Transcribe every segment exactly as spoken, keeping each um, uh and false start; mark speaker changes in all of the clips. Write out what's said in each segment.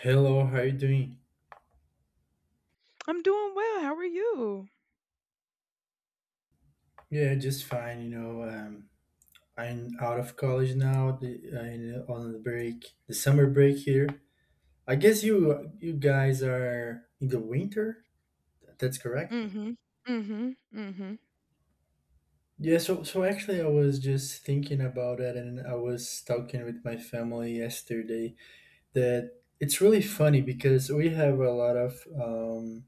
Speaker 1: Hello, how you doing?
Speaker 2: I'm doing well. How are you?
Speaker 1: Yeah, just fine. You know, um, I'm out of college now. The, I'm on the break, the summer break here. I guess you you guys are in the winter. That's correct.
Speaker 2: Mhm. Mhm. Mhm.
Speaker 1: Yeah. So so actually, I was just thinking about it, and I was talking with my family yesterday that it's really funny because we have a lot of um,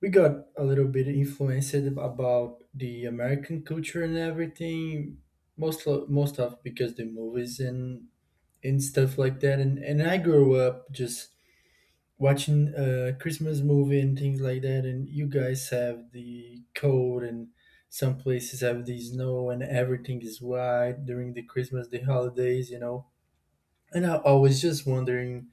Speaker 1: we got a little bit influenced about the American culture and everything, most lo- most of because the movies and and stuff like that. And and I grew up just watching a Christmas movie and things like that. And you guys have the cold and some places have the snow and everything is white during the Christmas, the holidays, you know. And I, I was just wondering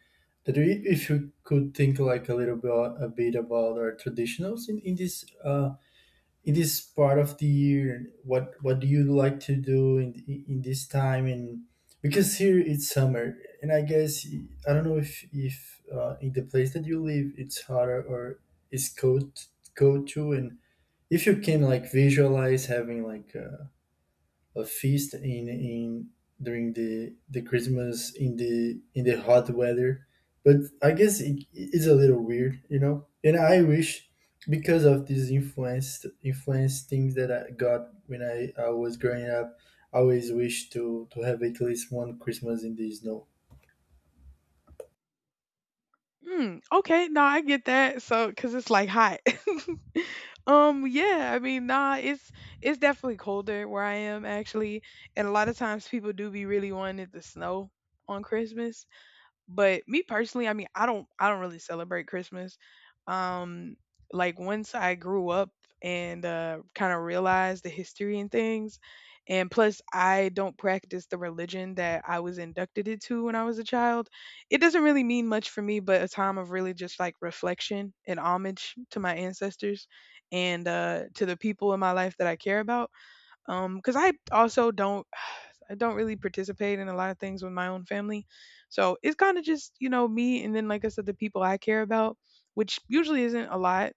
Speaker 1: that i- if you could think like a little bit a bit about our traditionals in, in this uh, it is part of the year. What what do you like to do in in this time? And because here it's summer and I guess I don't know if if uh, in the place that you live it's hotter or it's cold cold too. And if you can like visualize having like a a feast in in during the the Christmas in the in the hot weather. But I guess it is a little weird, you know. And I wish because of these influence influence things that I got when I, I was growing up, I always wish to to have at least one Christmas in the snow.
Speaker 2: Mm, okay, no, I get that. So, cause it's like hot. Um, yeah, I mean, nah, it's it's definitely colder where I am actually, and a lot of times people do be really wanting the snow on Christmas. But me personally, I mean, I don't I don't really celebrate Christmas. Um like once I grew up and uh kind of realized the history and things, and plus I don't practice the religion that I was inducted into when I was a child. It doesn't really mean much for me, but a time of really just like reflection and homage to my ancestors and uh to the people in my life that I care about, um because I also don't I don't really participate in a lot of things with my own family. So it's kind of just, you know, me and then, like I said, the people I care about, which usually isn't a lot.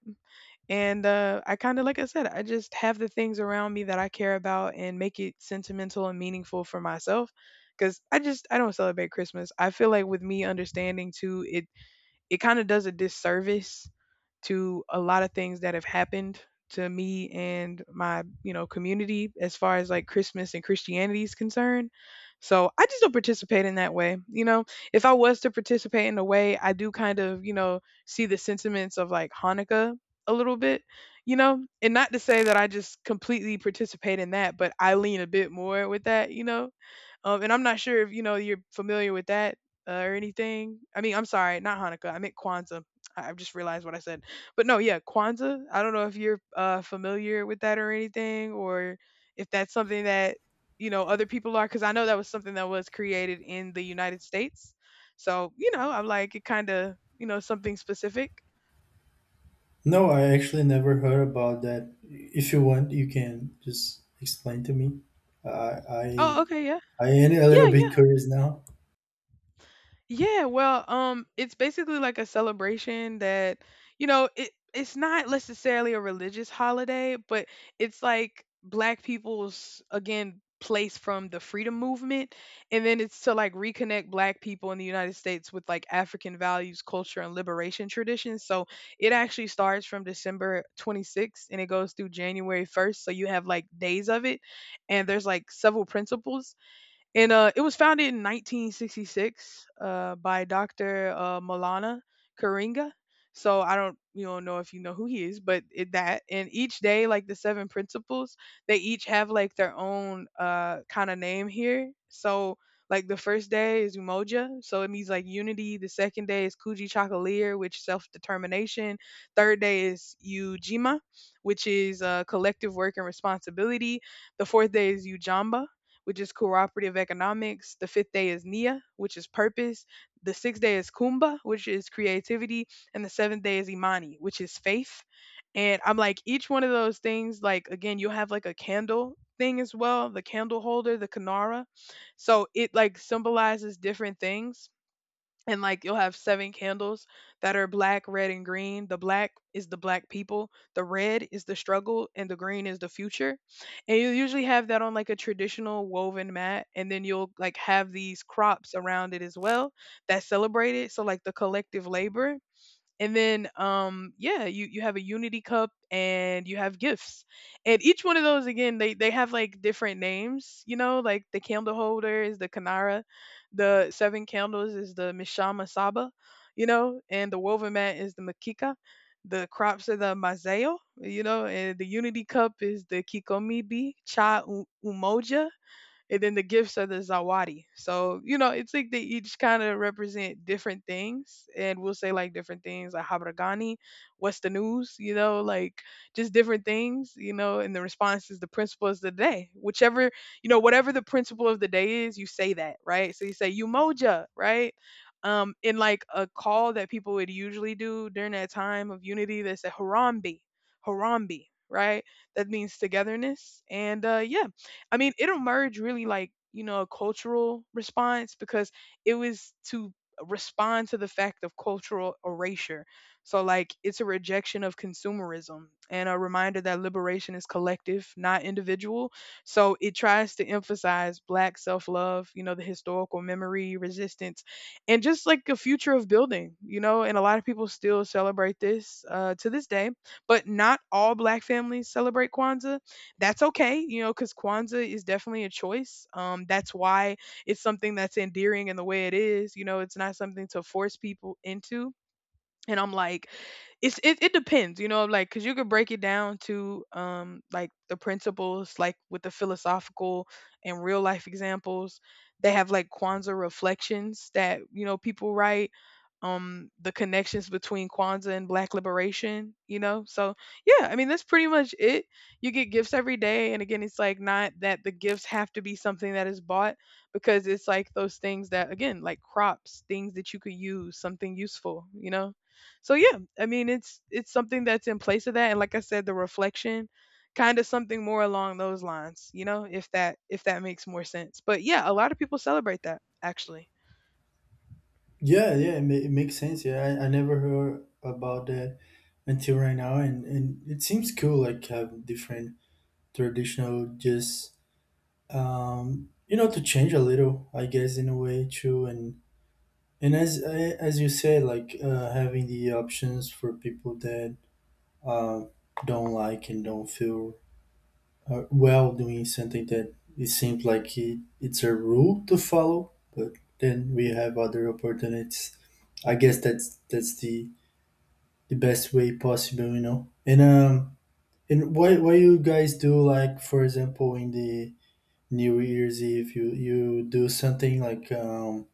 Speaker 2: And uh, I kind of, like I said, I just have the things around me that I care about and make it sentimental and meaningful for myself. Because I just, I don't celebrate Christmas. I feel like with me understanding too, it it kind of does a disservice to a lot of things that have happened to me and my, you know, community as far as like Christmas and Christianity is concerned. So I just don't participate in that way, you know. If I was to participate in a way, I do kind of, you know, see the sentiments of like Hanukkah a little bit, you know. And not to say that I just completely participate in that, but I lean a bit more with that, you know. Um, and I'm not sure if you know you're familiar with that uh, or anything. I mean, I'm sorry, not Hanukkah. I meant Kwanzaa. I- I've just realized what I said. But no, yeah, Kwanzaa. I don't know if you're uh, familiar with that or anything, or if that's something that, you know, other people are. Because I know that was something that was created in the United States. So you know, I'm like it kind of, you know, something specific.
Speaker 1: No, I actually never heard about that. If you want, you can just explain to me. I I
Speaker 2: Oh, okay, yeah,
Speaker 1: I am a
Speaker 2: yeah,
Speaker 1: little
Speaker 2: yeah.
Speaker 1: bit curious now.
Speaker 2: Yeah, well, um, it's basically like a celebration that, you know, it it's not necessarily a religious holiday, but it's like black people's again place from the freedom movement. And then it's to like reconnect black people in the United States with like African values, culture, and liberation traditions. So it actually starts from December twenty-sixth and it goes through January first, so you have like days of it, and there's like several principles. And uh, it was founded in nineteen sixty-six uh, by Doctor Uh, Malana Karinga. So I don't, you don't know if you know who he is, but it, that and each day, like the seven principles, they each have like their own uh, kind of name here. So like the first day is Umoja, so it means like unity. The second day is Kuji Chakalier, which self determination. Third day is Ujima, which is uh, collective work and responsibility. The fourth day is Ujamba, which is cooperative economics. The fifth day is Nia, which is purpose. The sixth day is Kumba, which is creativity. And the seventh day is Imani, which is faith. And I'm like, each one of those things, like, again, you'll have like a candle thing as well, the candle holder, the Kanara. So it like symbolizes different things, and like you'll have seven candles that are black, red, and green. The black is the black people, the red is the struggle, and the green is the future. And you usually have that on like a traditional woven mat, and then you'll like have these crops around it as well that celebrate it. So like the collective labor, and then um yeah, you you have a unity cup and you have gifts. And each one of those again, they they have like different names, you know, like the candle holder is the Kanara, the seven candles is the Mishama Saba, you know, and the woven mat is the Makika, the crops are the Mazeo, you know, and the unity cup is the Kikomibi Cha U- Umoja, and then the gifts are the Zawadi. So you know, it's like they each kind of represent different things, and we'll say like different things like habragani, what's the news, you know, like just different things, you know. And the response is the principle of the day, whichever, you know, whatever the principle of the day is, you say that, right? So you say Umoja, right? Um, in like a call that people would usually do during that time of unity, they say harambe, harambe, right? That means togetherness, and uh, yeah, I mean, it emerged really like, you know, a cultural response because it was to respond to the fact of cultural erasure. So, like, it's a rejection of consumerism and a reminder that liberation is collective, not individual. So, it tries to emphasize Black self love, you know, the historical memory, resistance, and just like a future of building, you know. And a lot of people still celebrate this uh, to this day, but not all Black families celebrate Kwanzaa, that's okay, you know, because Kwanzaa is definitely a choice. Um, that's why it's something that's endearing in the way it is. You know, it's not something to force people into. And I'm like, it's it, it depends, you know, like because you could break it down to um like the principles, like with the philosophical and real life examples. They have like Kwanzaa reflections that you know people write. Um, the connections between Kwanzaa and Black liberation, you know. So yeah, I mean that's pretty much it. You get gifts every day, and again, it's like not that the gifts have to be something that is bought, because it's like those things that again, like crops, things that you could use, something useful, you know. So yeah, I mean it's it's something that's in place of that, and like I said, the reflection, kind of something more along those lines, you know. If that if that makes more sense. But yeah, a lot of people celebrate that actually.
Speaker 1: Yeah, yeah, it, ma- it makes sense. Yeah, I, I never heard about that until right now, and and it seems cool. Like have different traditional, just um, you know, to change a little, I guess, in a way too. And and as I- as you said, like uh, having the options for people that uh, don't like and don't feel uh, well doing something that it seems like it, it's a rule to follow, but then we have other opportunities. I guess that's that's the the best way possible, you know. And um, and what what you guys do, like for example, in the New Year's Eve, you you do something like um,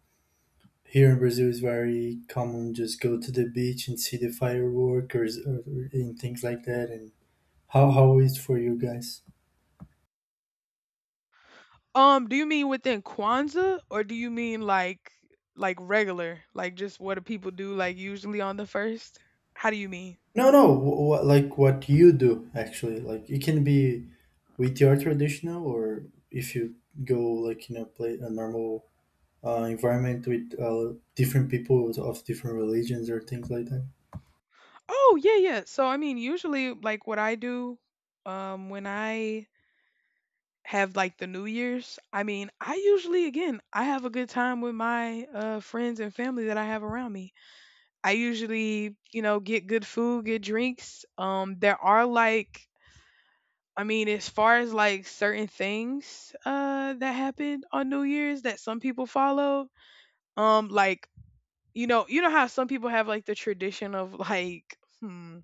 Speaker 1: here in Brazil is very common, just go to the beach and see the fireworks or, or and things like that. And how how is for you guys?
Speaker 2: um Do you mean within Kwanzaa, or do you mean like like regular, like just what do people do like usually on the first? How do you mean?
Speaker 1: No, no, what, like what you do actually, like it can be with your traditional or if you go like in a play a normal uh, environment with uh, different people of different religions or things like that.
Speaker 2: Oh yeah, yeah, so I mean usually like what I do, um when I have like the New Year's. I mean, I usually, again, I have a good time with my uh, friends and family that I have around me. I usually, you know, get good food, get drinks. Um, there are like, I mean, as far as like certain things uh, that happen on New Year's that some people follow, um, like, you know, you know how some people have like the tradition of like, hmm,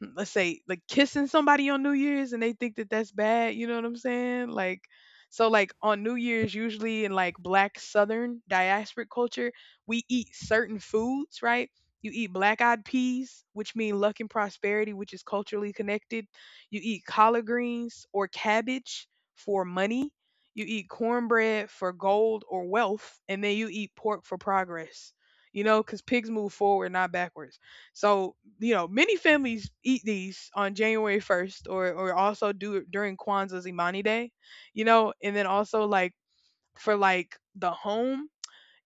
Speaker 2: let's say like kissing somebody on New Year's and they think that that's bad, you know what I'm saying? Like so like on New Year's usually in like black southern diasporic culture, we eat certain foods, right? You eat black-eyed peas, which mean luck and prosperity, which is culturally connected. You eat collard greens or cabbage for money. You eat cornbread for gold or wealth, and then you eat pork for progress. You know, because pigs move forward, not backwards. So you know, many families eat these on January first, or or also do it during Kwanzaa's Imani Day, you know. And then also like for like the home,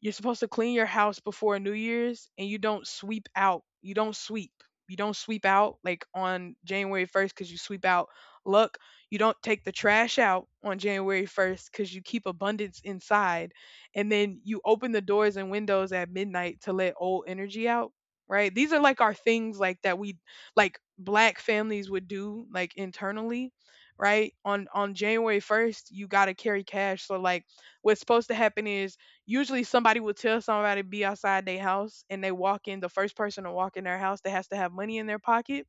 Speaker 2: you're supposed to clean your house before New Year's, and you don't sweep out. You don't sweep. You don't sweep out like on January first because you sweep out luck. You don't take the trash out on January first because you keep abundance inside. And then you open the doors and windows at midnight to let old energy out. Right. These are like our things like that we, like black families, would do like internally. Right. On on January first, you got to carry cash. So like what's supposed to happen is usually somebody will tell somebody to be outside their house, and they walk in, the first person to walk in their house that has to have money in their pocket,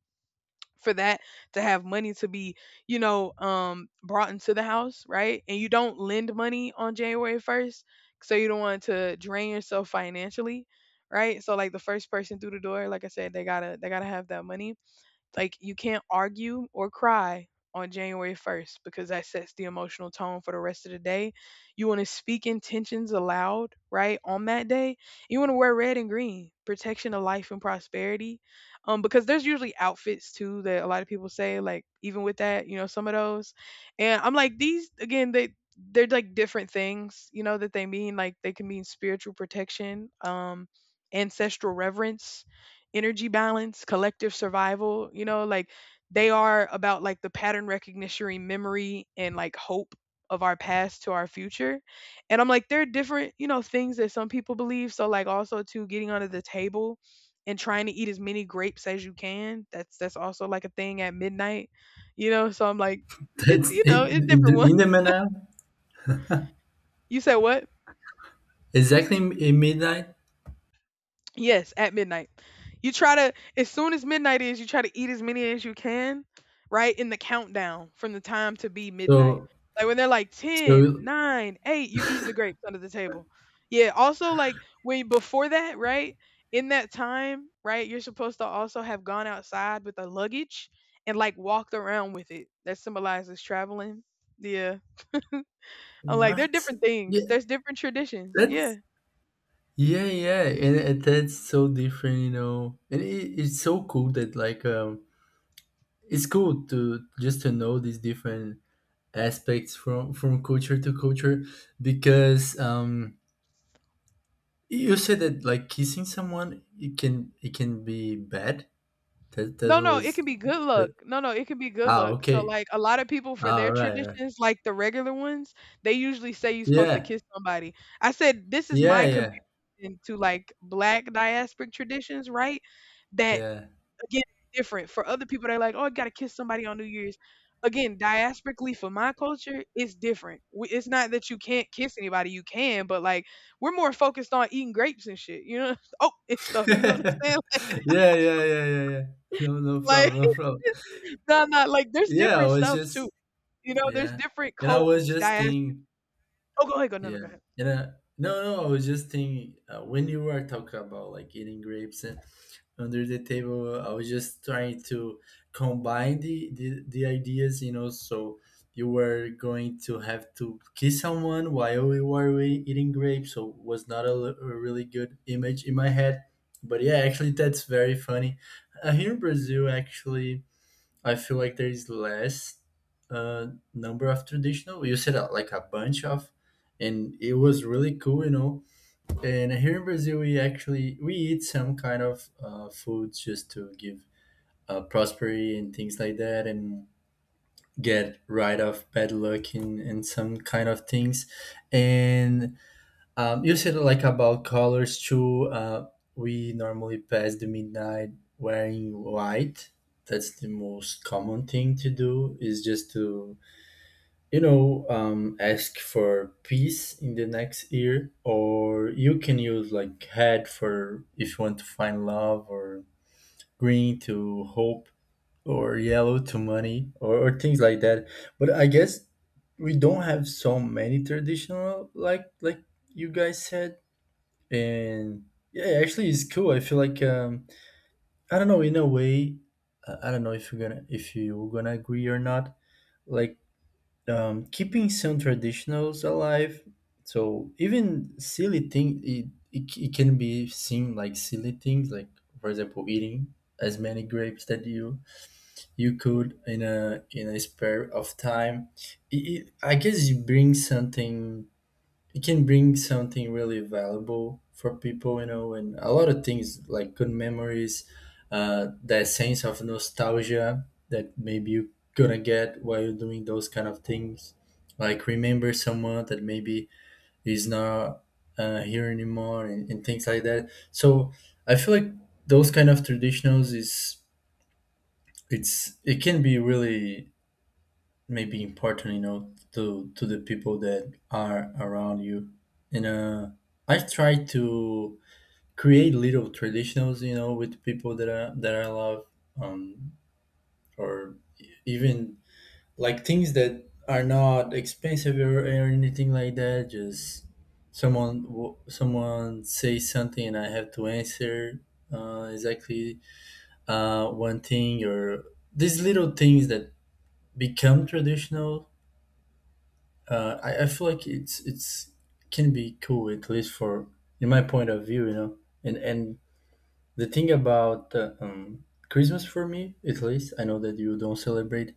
Speaker 2: for that, to have money to be, you know, um brought into the house, right. And you don't lend money on January first, so you don't want to drain yourself financially, right. So like the first person through the door, like I said, they gotta they gotta have that money. Like you can't argue or cry on January first because that sets the emotional tone for the rest of the day. You want to speak intentions aloud, right? On that day, you want to wear red and green, protection of life and prosperity. Um because there's usually outfits too that a lot of people say like even with that, you know, some of those. And I'm like, these again, they they're like different things, you know, that they mean, like they can mean spiritual protection, um ancestral reverence, energy balance, collective survival, you know, like they are about like the pattern recognition, memory, and like hope of our past to our future. And I'm like, there are different, you know, things that some people believe. So like also too, getting under the table and trying to eat as many grapes as you can. That's that's also like a thing at midnight, you know. So I'm like, it's
Speaker 1: That's
Speaker 2: you
Speaker 1: it,
Speaker 2: know, it's
Speaker 1: in the
Speaker 2: different one.
Speaker 1: in the Manal,
Speaker 2: You said what?
Speaker 1: exactly in midnight.
Speaker 2: Yes, at midnight. You try to, as soon as midnight is, you try to eat as many as you can, right? In the countdown from the time to be midnight.
Speaker 1: So
Speaker 2: Like when they're like ten,
Speaker 1: so
Speaker 2: nine, eight, you eating the grapes under the table. Yeah, also like when before that, right? In that time, right, you're supposed to also have gone outside with a luggage and like walked around with it. That symbolizes traveling. Yeah. I'm like, there are
Speaker 1: what?
Speaker 2: different things.
Speaker 1: Yeah,
Speaker 2: There's different traditions. Yeah.
Speaker 1: that's yeah yeah, and, and that's so different, you know. And it, it's so cool that like um, it's cool to just to know these different aspects from from culture to culture because um you said that like kissing someone it can it can be bad. That
Speaker 2: No,
Speaker 1: that
Speaker 2: no, it can
Speaker 1: was
Speaker 2: be good luck.
Speaker 1: that.
Speaker 2: No, no, it can be good
Speaker 1: Ah,
Speaker 2: luck. So
Speaker 1: okay.
Speaker 2: like a lot of people for
Speaker 1: Ah,
Speaker 2: their
Speaker 1: all right, all right.
Speaker 2: traditions, like the regular ones, they usually say you're supposed to
Speaker 1: Yeah.
Speaker 2: kiss somebody. I said this is
Speaker 1: Yeah,
Speaker 2: my
Speaker 1: yeah,
Speaker 2: comparison to like black diasporic traditions, right? That
Speaker 1: yeah.
Speaker 2: again different. For other people they're like, "Oh, I got to kiss somebody on New Year's." Again, diasporically for my culture, it's different. We- It's not that you can't kiss anybody, you can, but like we're more focused on eating grapes and shit, you know? Oh, it's stuff, you know what I'm saying?
Speaker 1: Yeah, yeah, yeah, yeah, yeah. No, no
Speaker 2: Like,
Speaker 1: problem, no problem.
Speaker 2: no, no, like, there's
Speaker 1: Yeah, I
Speaker 2: different
Speaker 1: was
Speaker 2: stuff too,
Speaker 1: just
Speaker 2: you know, there's
Speaker 1: yeah.
Speaker 2: different
Speaker 1: And I was
Speaker 2: codes,
Speaker 1: just
Speaker 2: dias
Speaker 1: thinking.
Speaker 2: Oh, go ahead, go no, no, go
Speaker 1: Yeah,
Speaker 2: ahead.
Speaker 1: and uh, no, no, I was just thinking uh, when you were talking about like eating grapes and under the table, I was just trying to combine the, the the ideas, you know. So you were going to have to kiss someone while we were we- eating grapes, so was not a, l- a really good image in my head. But yeah, actually, that's very funny. Uh, here in Brazil, actually I feel like there is less uh, number of traditional. You said uh, like a bunch of, and it was really cool, you know. And here in Brazil, we actually we eat some kind of uh, foods just to give uh, prosperity and things like that, and get rid of bad luck and, and some kind of things. And um, you said like about colors too. Uh, we normally pass the midnight wearing white. That's the most common thing to do is just to, you know, um, ask for peace in the next year, or you can use like red for if you want to find love, or green to hope, or yellow to money, or, or things like that. But I guess we don't have so many traditional like like you guys said and yeah actually it's cool. I feel like um I don't know, in a way i I don't know if you're gonna if you're gonna agree or not. Like um keeping some traditionals alive, so even silly thing it, it, it can be seen like silly things like for example eating as many grapes that you you could in a in a spare of time. it, it, I guess it brings something. It can bring something really valuable for people, you know, and a lot of things like good memories, uh, that sense of nostalgia that maybe you gonna get while you're doing those kind of things. Like remember someone that maybe is not uh, here anymore and, and things like that. So I feel like those kind of traditionals is it's it can be really maybe important, you know, to to the people that are around you. And uh I've tried to create little traditionals, you know, with people that i that I love, um or even like things that are not expensive or, or anything like that. Just someone w- someone says something and I have to answer uh, exactly uh, one thing or these little things that become traditional. Uh, I, I feel like it's it's can be cool, at least for in my point of view, you know. And and the thing about uh, um, Christmas for me, at least, I know that you don't celebrate.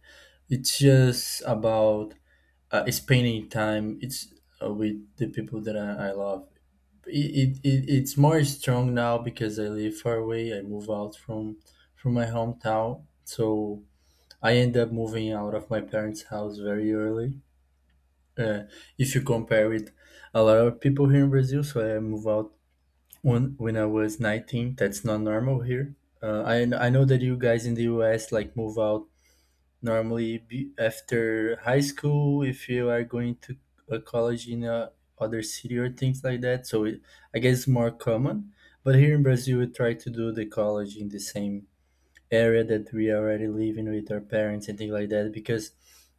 Speaker 1: It's just about uh, spending time. It's uh, with the people that I, I love. It, it, it it's more strong now because I live far away. I move out from from my hometown, so I end up moving out of my parents' house very early uh, if you compare it, a lot of people here in Brazil. So I moved out when when I was nineteen. That's not normal here. Uh, I I know that you guys in the U S like move out normally be after high school if you are going to a college in a other city or things like that. So it, I guess it's more common. But here in Brazil, we try to do the college in the same area that we are already living with our parents and things like that, because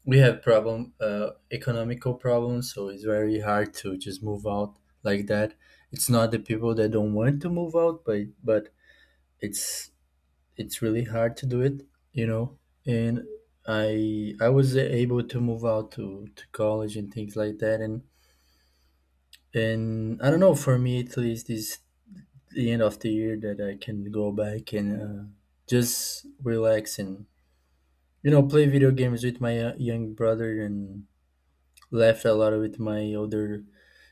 Speaker 1: we have problem uh, economical problems, so it's very hard to just move out like that. It's not the people that don't want to move out, but but it's it's really hard to do it, you know. And i I was able to move out to to college and things like that. and and I don't know, for me at least is the end of the year that I can go back and uh, just relax and, you know, play video games with my uh, young brother and laugh a lot with my older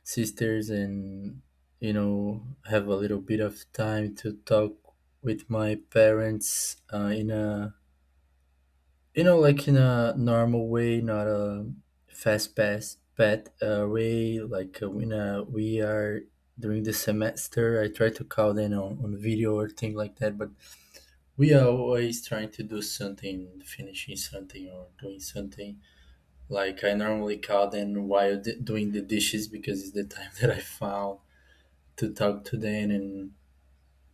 Speaker 1: sisters, and, you know, have a little bit of time to talk with my parents uh, in a, you know, like in a normal way, not a fast pass pet uh, way. Like uh, when uh, we are during the semester, I try to call them on, on video or thing like that, but we are always trying to do something, finishing something or doing something. Like I normally call them while d- doing the dishes because it's the time that I found to talk to them. And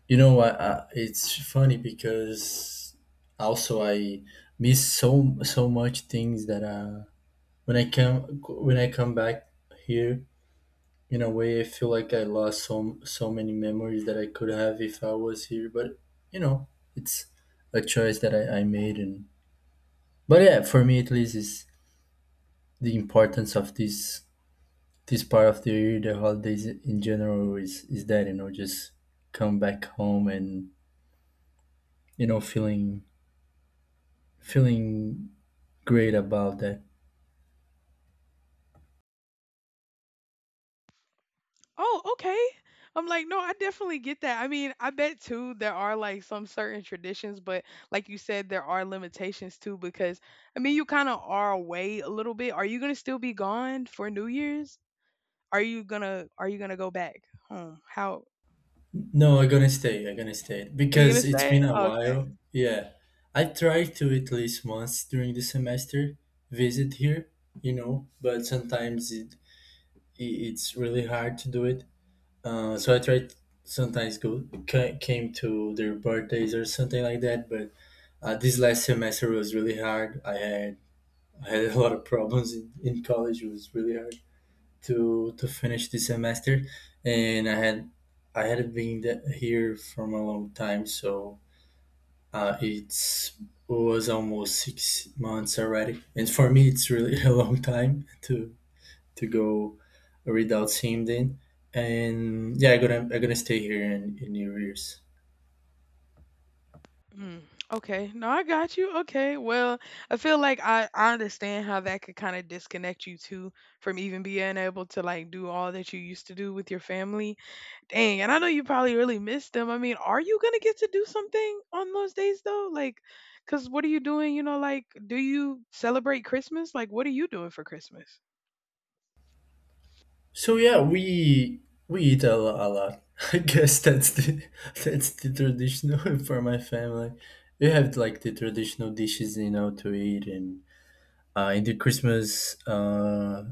Speaker 1: you know what? Uh, it's funny because also I miss so so much things that uh when I come when I come back here, in a way I feel like I lost so so many memories that I could have if I was here. But you know, it's a choice that I, I made. And but yeah, for me at least is the importance of this this part of the year. The holidays in general is is that, you know, just come back home and, you know, feeling feeling great about that.
Speaker 2: Oh, okay. I'm like, no, I definitely get that. I mean, I bet too there are like some certain traditions, but like you said, there are limitations too because I mean you kinda are away a little bit. Are you gonna still be gone for New Year's? Are you gonna are you gonna go back home? How
Speaker 1: No, I'm gonna stay. I'm gonna stay
Speaker 2: are you gonna
Speaker 1: because it's
Speaker 2: stay?
Speaker 1: been a
Speaker 2: Okay.
Speaker 1: while. Yeah, I tried to at least once during the semester visit here, you know, but sometimes it, it it's really hard to do it. Uh, so I tried sometimes go ca- came to their birthdays or something like that, but uh, this last semester was really hard. I had I had a lot of problems in, in college. It was really hard to to finish this semester, and I had I had been the- here for a long time, so uh, it's was almost six months already. And for me, it's really a long time to to go without seeing them. And yeah, I'm gonna I'm gonna stay here in, in New Year's.
Speaker 2: Mm, okay. No, I got you. Okay. Well, I feel like I, I understand how that could kind of disconnect you too from even being able to like do all that you used to do with your family. Dang. And I know you probably really miss them. I mean, are you going to get to do something on those days though? Like, because what are you doing? You know, like, do you celebrate Christmas? Like, what are you doing for Christmas?
Speaker 1: So yeah, we we eat a, lo- a lot. I guess that's the that's the traditional for my family. We have like the traditional dishes, you know, to eat, and uh, in the Christmas, uh,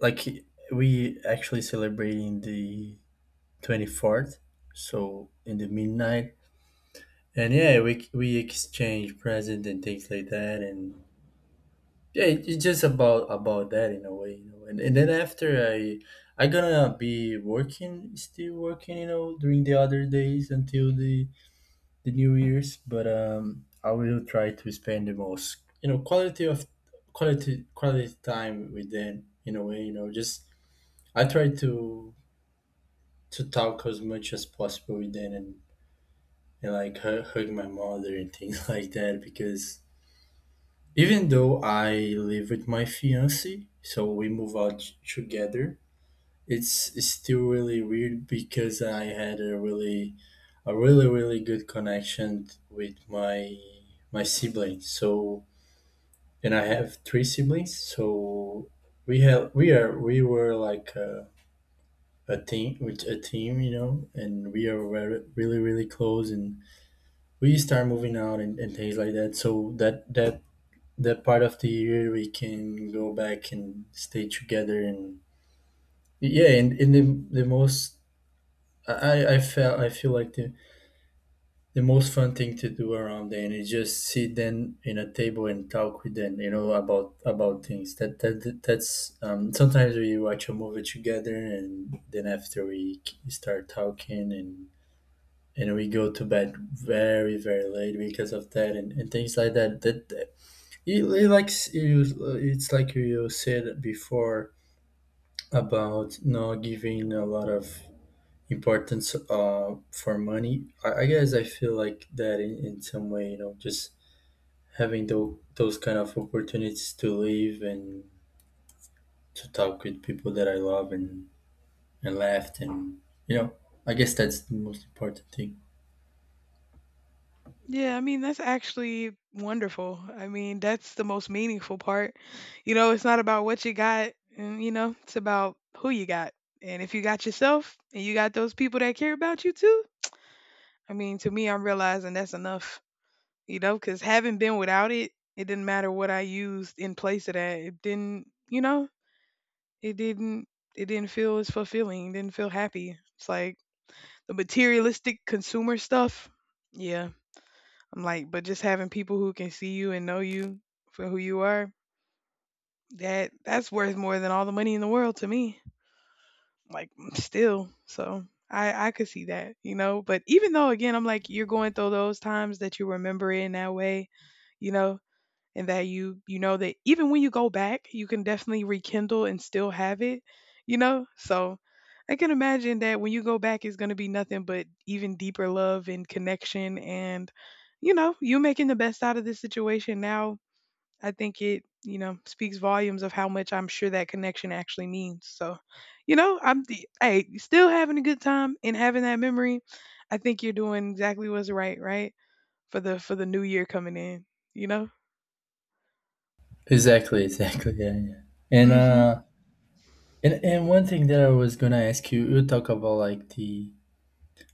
Speaker 1: like we actually celebrating the twenty-fourth, so in the midnight, and yeah, we we exchange present and things like that, and yeah it, it's just about about that in a way, you know. And, and then after i i gonna be working, still working, you know, during the other days until the the new year's, but um I will try to spend the most, you know, quality of quality quality time with them in a way, you know. Just I try to to talk as much as possible with them, and, and like hug, hug my mother and things like that. Because even though I live with my fiance, so we move out t- together, it's it's still really weird, because I had a really a really really good connection with my my siblings. So and I have three siblings, so we have we are we were like a, a team with a team, you know, and we are very, really really close, and we start moving out and, and things like that. So that that that part of the year we can go back and stay together. And yeah, and, and the, the most I, I felt I feel like the, the most fun thing to do around then is just sit then in a table and talk with them, you know, about about things that that that's um, sometimes we watch a movie together, and then after we k- start talking, and and we go to bed very very late because of that, and, and things like that that It, it like s- you, it's like you said before about not giving a lot of importance uh, for money. I, I guess I feel like that in, in some way, you know. Just having those those kind of opportunities to live and to talk with people that I love, and and laughed, and you know, I guess that's the most important thing.
Speaker 2: Yeah, I mean, that's actually wonderful. I mean, that's the most meaningful part. You know, it's not about what you got, and you know, it's about who you got. And if you got yourself and you got those people that care about you too, I mean, to me, I'm realizing that's enough, you know, because having been without it, it didn't matter what I used in place of that. It didn't, you know, it didn't, it didn't feel as fulfilling, didn't feel happy. It's like the materialistic consumer stuff. Yeah, I'm like, but just having people who can see you and know you for who you are, that that's worth more than all the money in the world to me. Like still. So I I could see that, you know. But even though again, I'm like, you're going through those times that you remember it in that way, you know, and that you you know that even when you go back, you can definitely rekindle and still have it, you know? So I can imagine that when you go back it's going to be nothing but even deeper love and connection and, you know, you making the best out of this situation now. I think it, you know, speaks volumes of how much I'm sure that connection actually means. So, you know, I'm the, hey, still having a good time and having that memory. I think you're doing exactly what's right, right? For the for the new year coming in, you know?
Speaker 1: Exactly, exactly, yeah, yeah. And
Speaker 2: Mhm.
Speaker 1: uh, and and one thing that I was gonna ask you, you talk about like the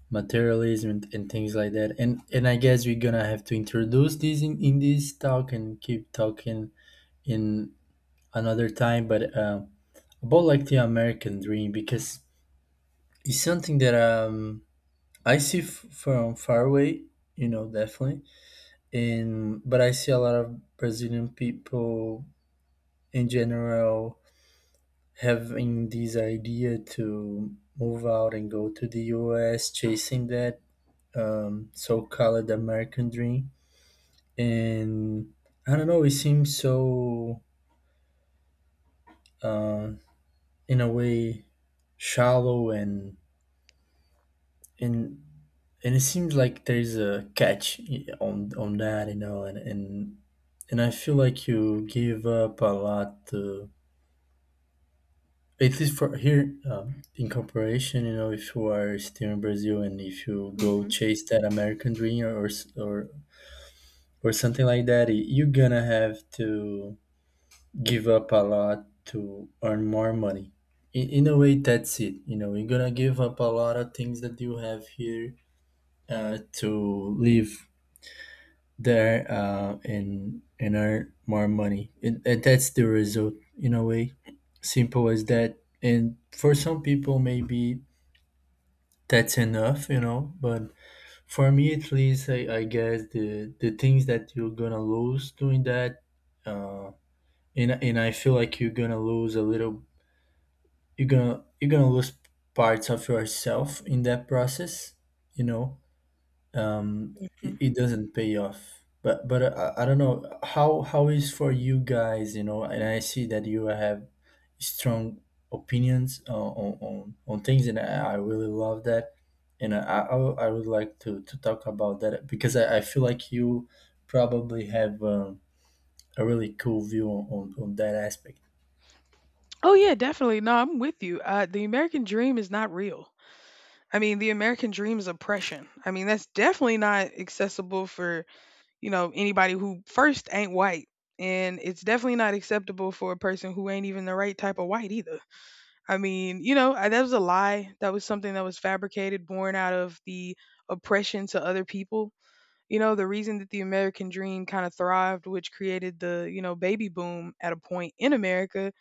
Speaker 1: materialism and, and things like that, and and I guess we're gonna have to introduce this in, in this talk and keep talking in another time, but uh, about like the American dream, because it's something that um I see f- from far away, you know, definitely. And but I see a lot of Brazilian people in general having this idea to move out and go to the US chasing that um, so-called American dream. And I don't know. It seems so, uh, in a way, shallow and and and it seems like there's a catch on on that, you know, and and and I feel like you give up a lot. To, at least for here um, in comparison, you know, if you are still in Brazil and if you go
Speaker 2: Mhm,
Speaker 1: chase that American dream or s- or or something like that, y- you're gonna have to give up a lot to earn more money. In, in a way, that's it. You know, you're gonna give up a lot of things that you have here, uh, to live there, uh, and and earn more money. And, and that's the result. In a way, simple as that. And for some people, maybe that's enough. You know, but for me, at least, I, I guess the the things that you're gonna lose doing that. Uh, and, and I feel like you're gonna lose a little, you're gonna you're gonna lose parts of yourself in that process, you know, um it,
Speaker 2: mhm.
Speaker 1: it doesn't pay off. But but uh, I, I don't know how how is for you guys, you know. And I see that you have strong opinions, uh, on, on on things, and i, I really love that. And I, I i would like to to talk about that, because i, I feel like you probably have um, a really cool view on, on on that aspect.
Speaker 2: Oh yeah, definitely. No, I'm with you. Uh, the American dream is not real. I mean, the American dream is oppression. I mean, that's definitely not accessible for you know anybody who first ain't white, and it's definitely not acceptable for a person who ain't even the right type of white either. I mean, you know, I, that was a lie. That was something that was fabricated, born out of the oppression to other people. You know, the reason that the American dream kind of thrived, which created the, you know, baby boom at a point in America,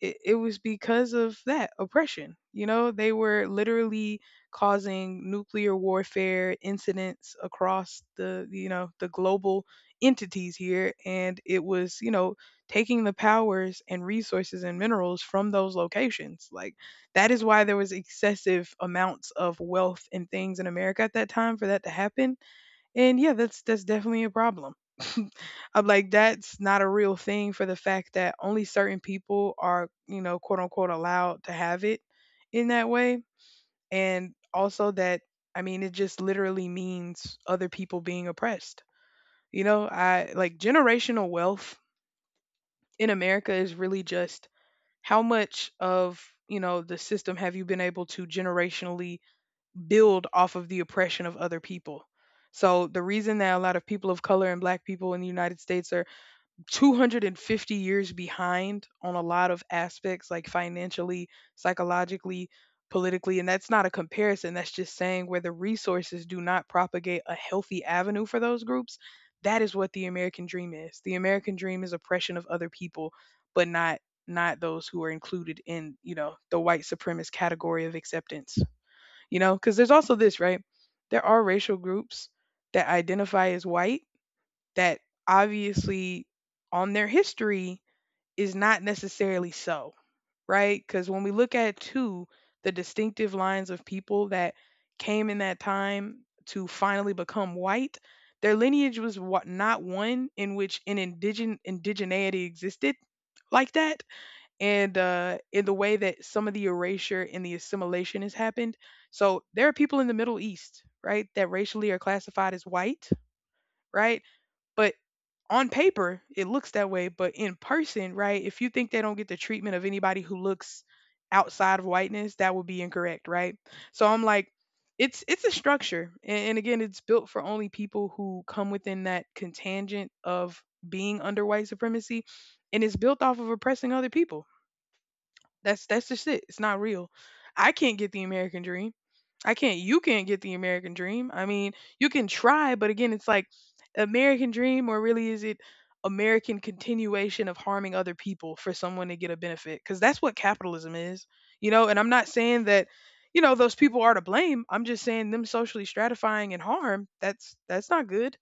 Speaker 2: it, it was because of that oppression. You know, they were literally causing nuclear warfare incidents across the, you know, the global entities here. And it was, you know, taking the powers and resources and minerals from those locations. Like, that is why there was excessive amounts of wealth and things in America at that time for that to happen. And yeah, that's that's definitely a problem. I'm like, that's not a real thing for the fact that only certain people are, you know, quote unquote allowed to have it in that way. And also that, I mean, it just literally means other people being oppressed. You know, I like, generational wealth in America is really just how much of, you know, the system have you been able to generationally build off of the oppression of other people. So the reason that a lot of people of color and black people in the United States are two hundred fifty years behind on a lot of aspects, like financially, psychologically, politically, and that's not a comparison, that's just saying where the resources do not propagate a healthy avenue for those groups. That is what the American dream is. The American dream is oppression of other people, but not not those who are included in, you know the white supremacist category of acceptance. You know because there's also this, right? There are racial groups that identify as white that obviously on their history is not necessarily so, right? Because when we look at two, the distinctive lines of people that came in that time to finally become white, their lineage was, what, not one in which an indigen indigeneity existed like that. And uh, in the way that some of the erasure and the assimilation has happened. So there are people in the Middle East, right, that racially are classified as white, right? But on paper, it looks that way. But in person, right, if you think they don't get the treatment of anybody who looks outside of whiteness, that would be incorrect, right? So I'm like, it's it's a structure, a- and, again, it's built for only people who come within that contingent of being under white supremacy, and it's built off of oppressing other people. That's that's just it. It's not real. I can't get the American dream. I can't. You can't get the American dream. I mean, you can try, but again, it's like, American dream, or really is it American continuation of harming other people for someone to get a benefit? Because that's what capitalism is, you know. And I'm not saying that, you know, those people are to blame. I'm just saying them socially stratifying and harm. That's that's not good.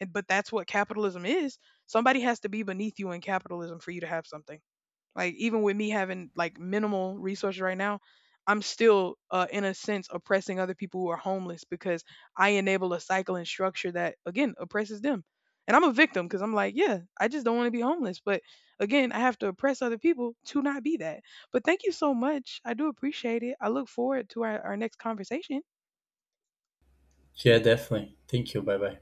Speaker 2: And- But that's what capitalism is. Somebody has to be beneath you in capitalism for you to have something. Like even with me having like minimal resources right now, I'm still uh, in a sense oppressing other people who are homeless because I enable a cycle and structure that again oppresses them. And I'm a victim because I'm like, yeah, I just don't want to be homeless. But again, I have to oppress other people to not be that. But thank you so much. I do appreciate it. I look forward to our, our next conversation.
Speaker 1: Yeah, definitely, thank you, bye bye.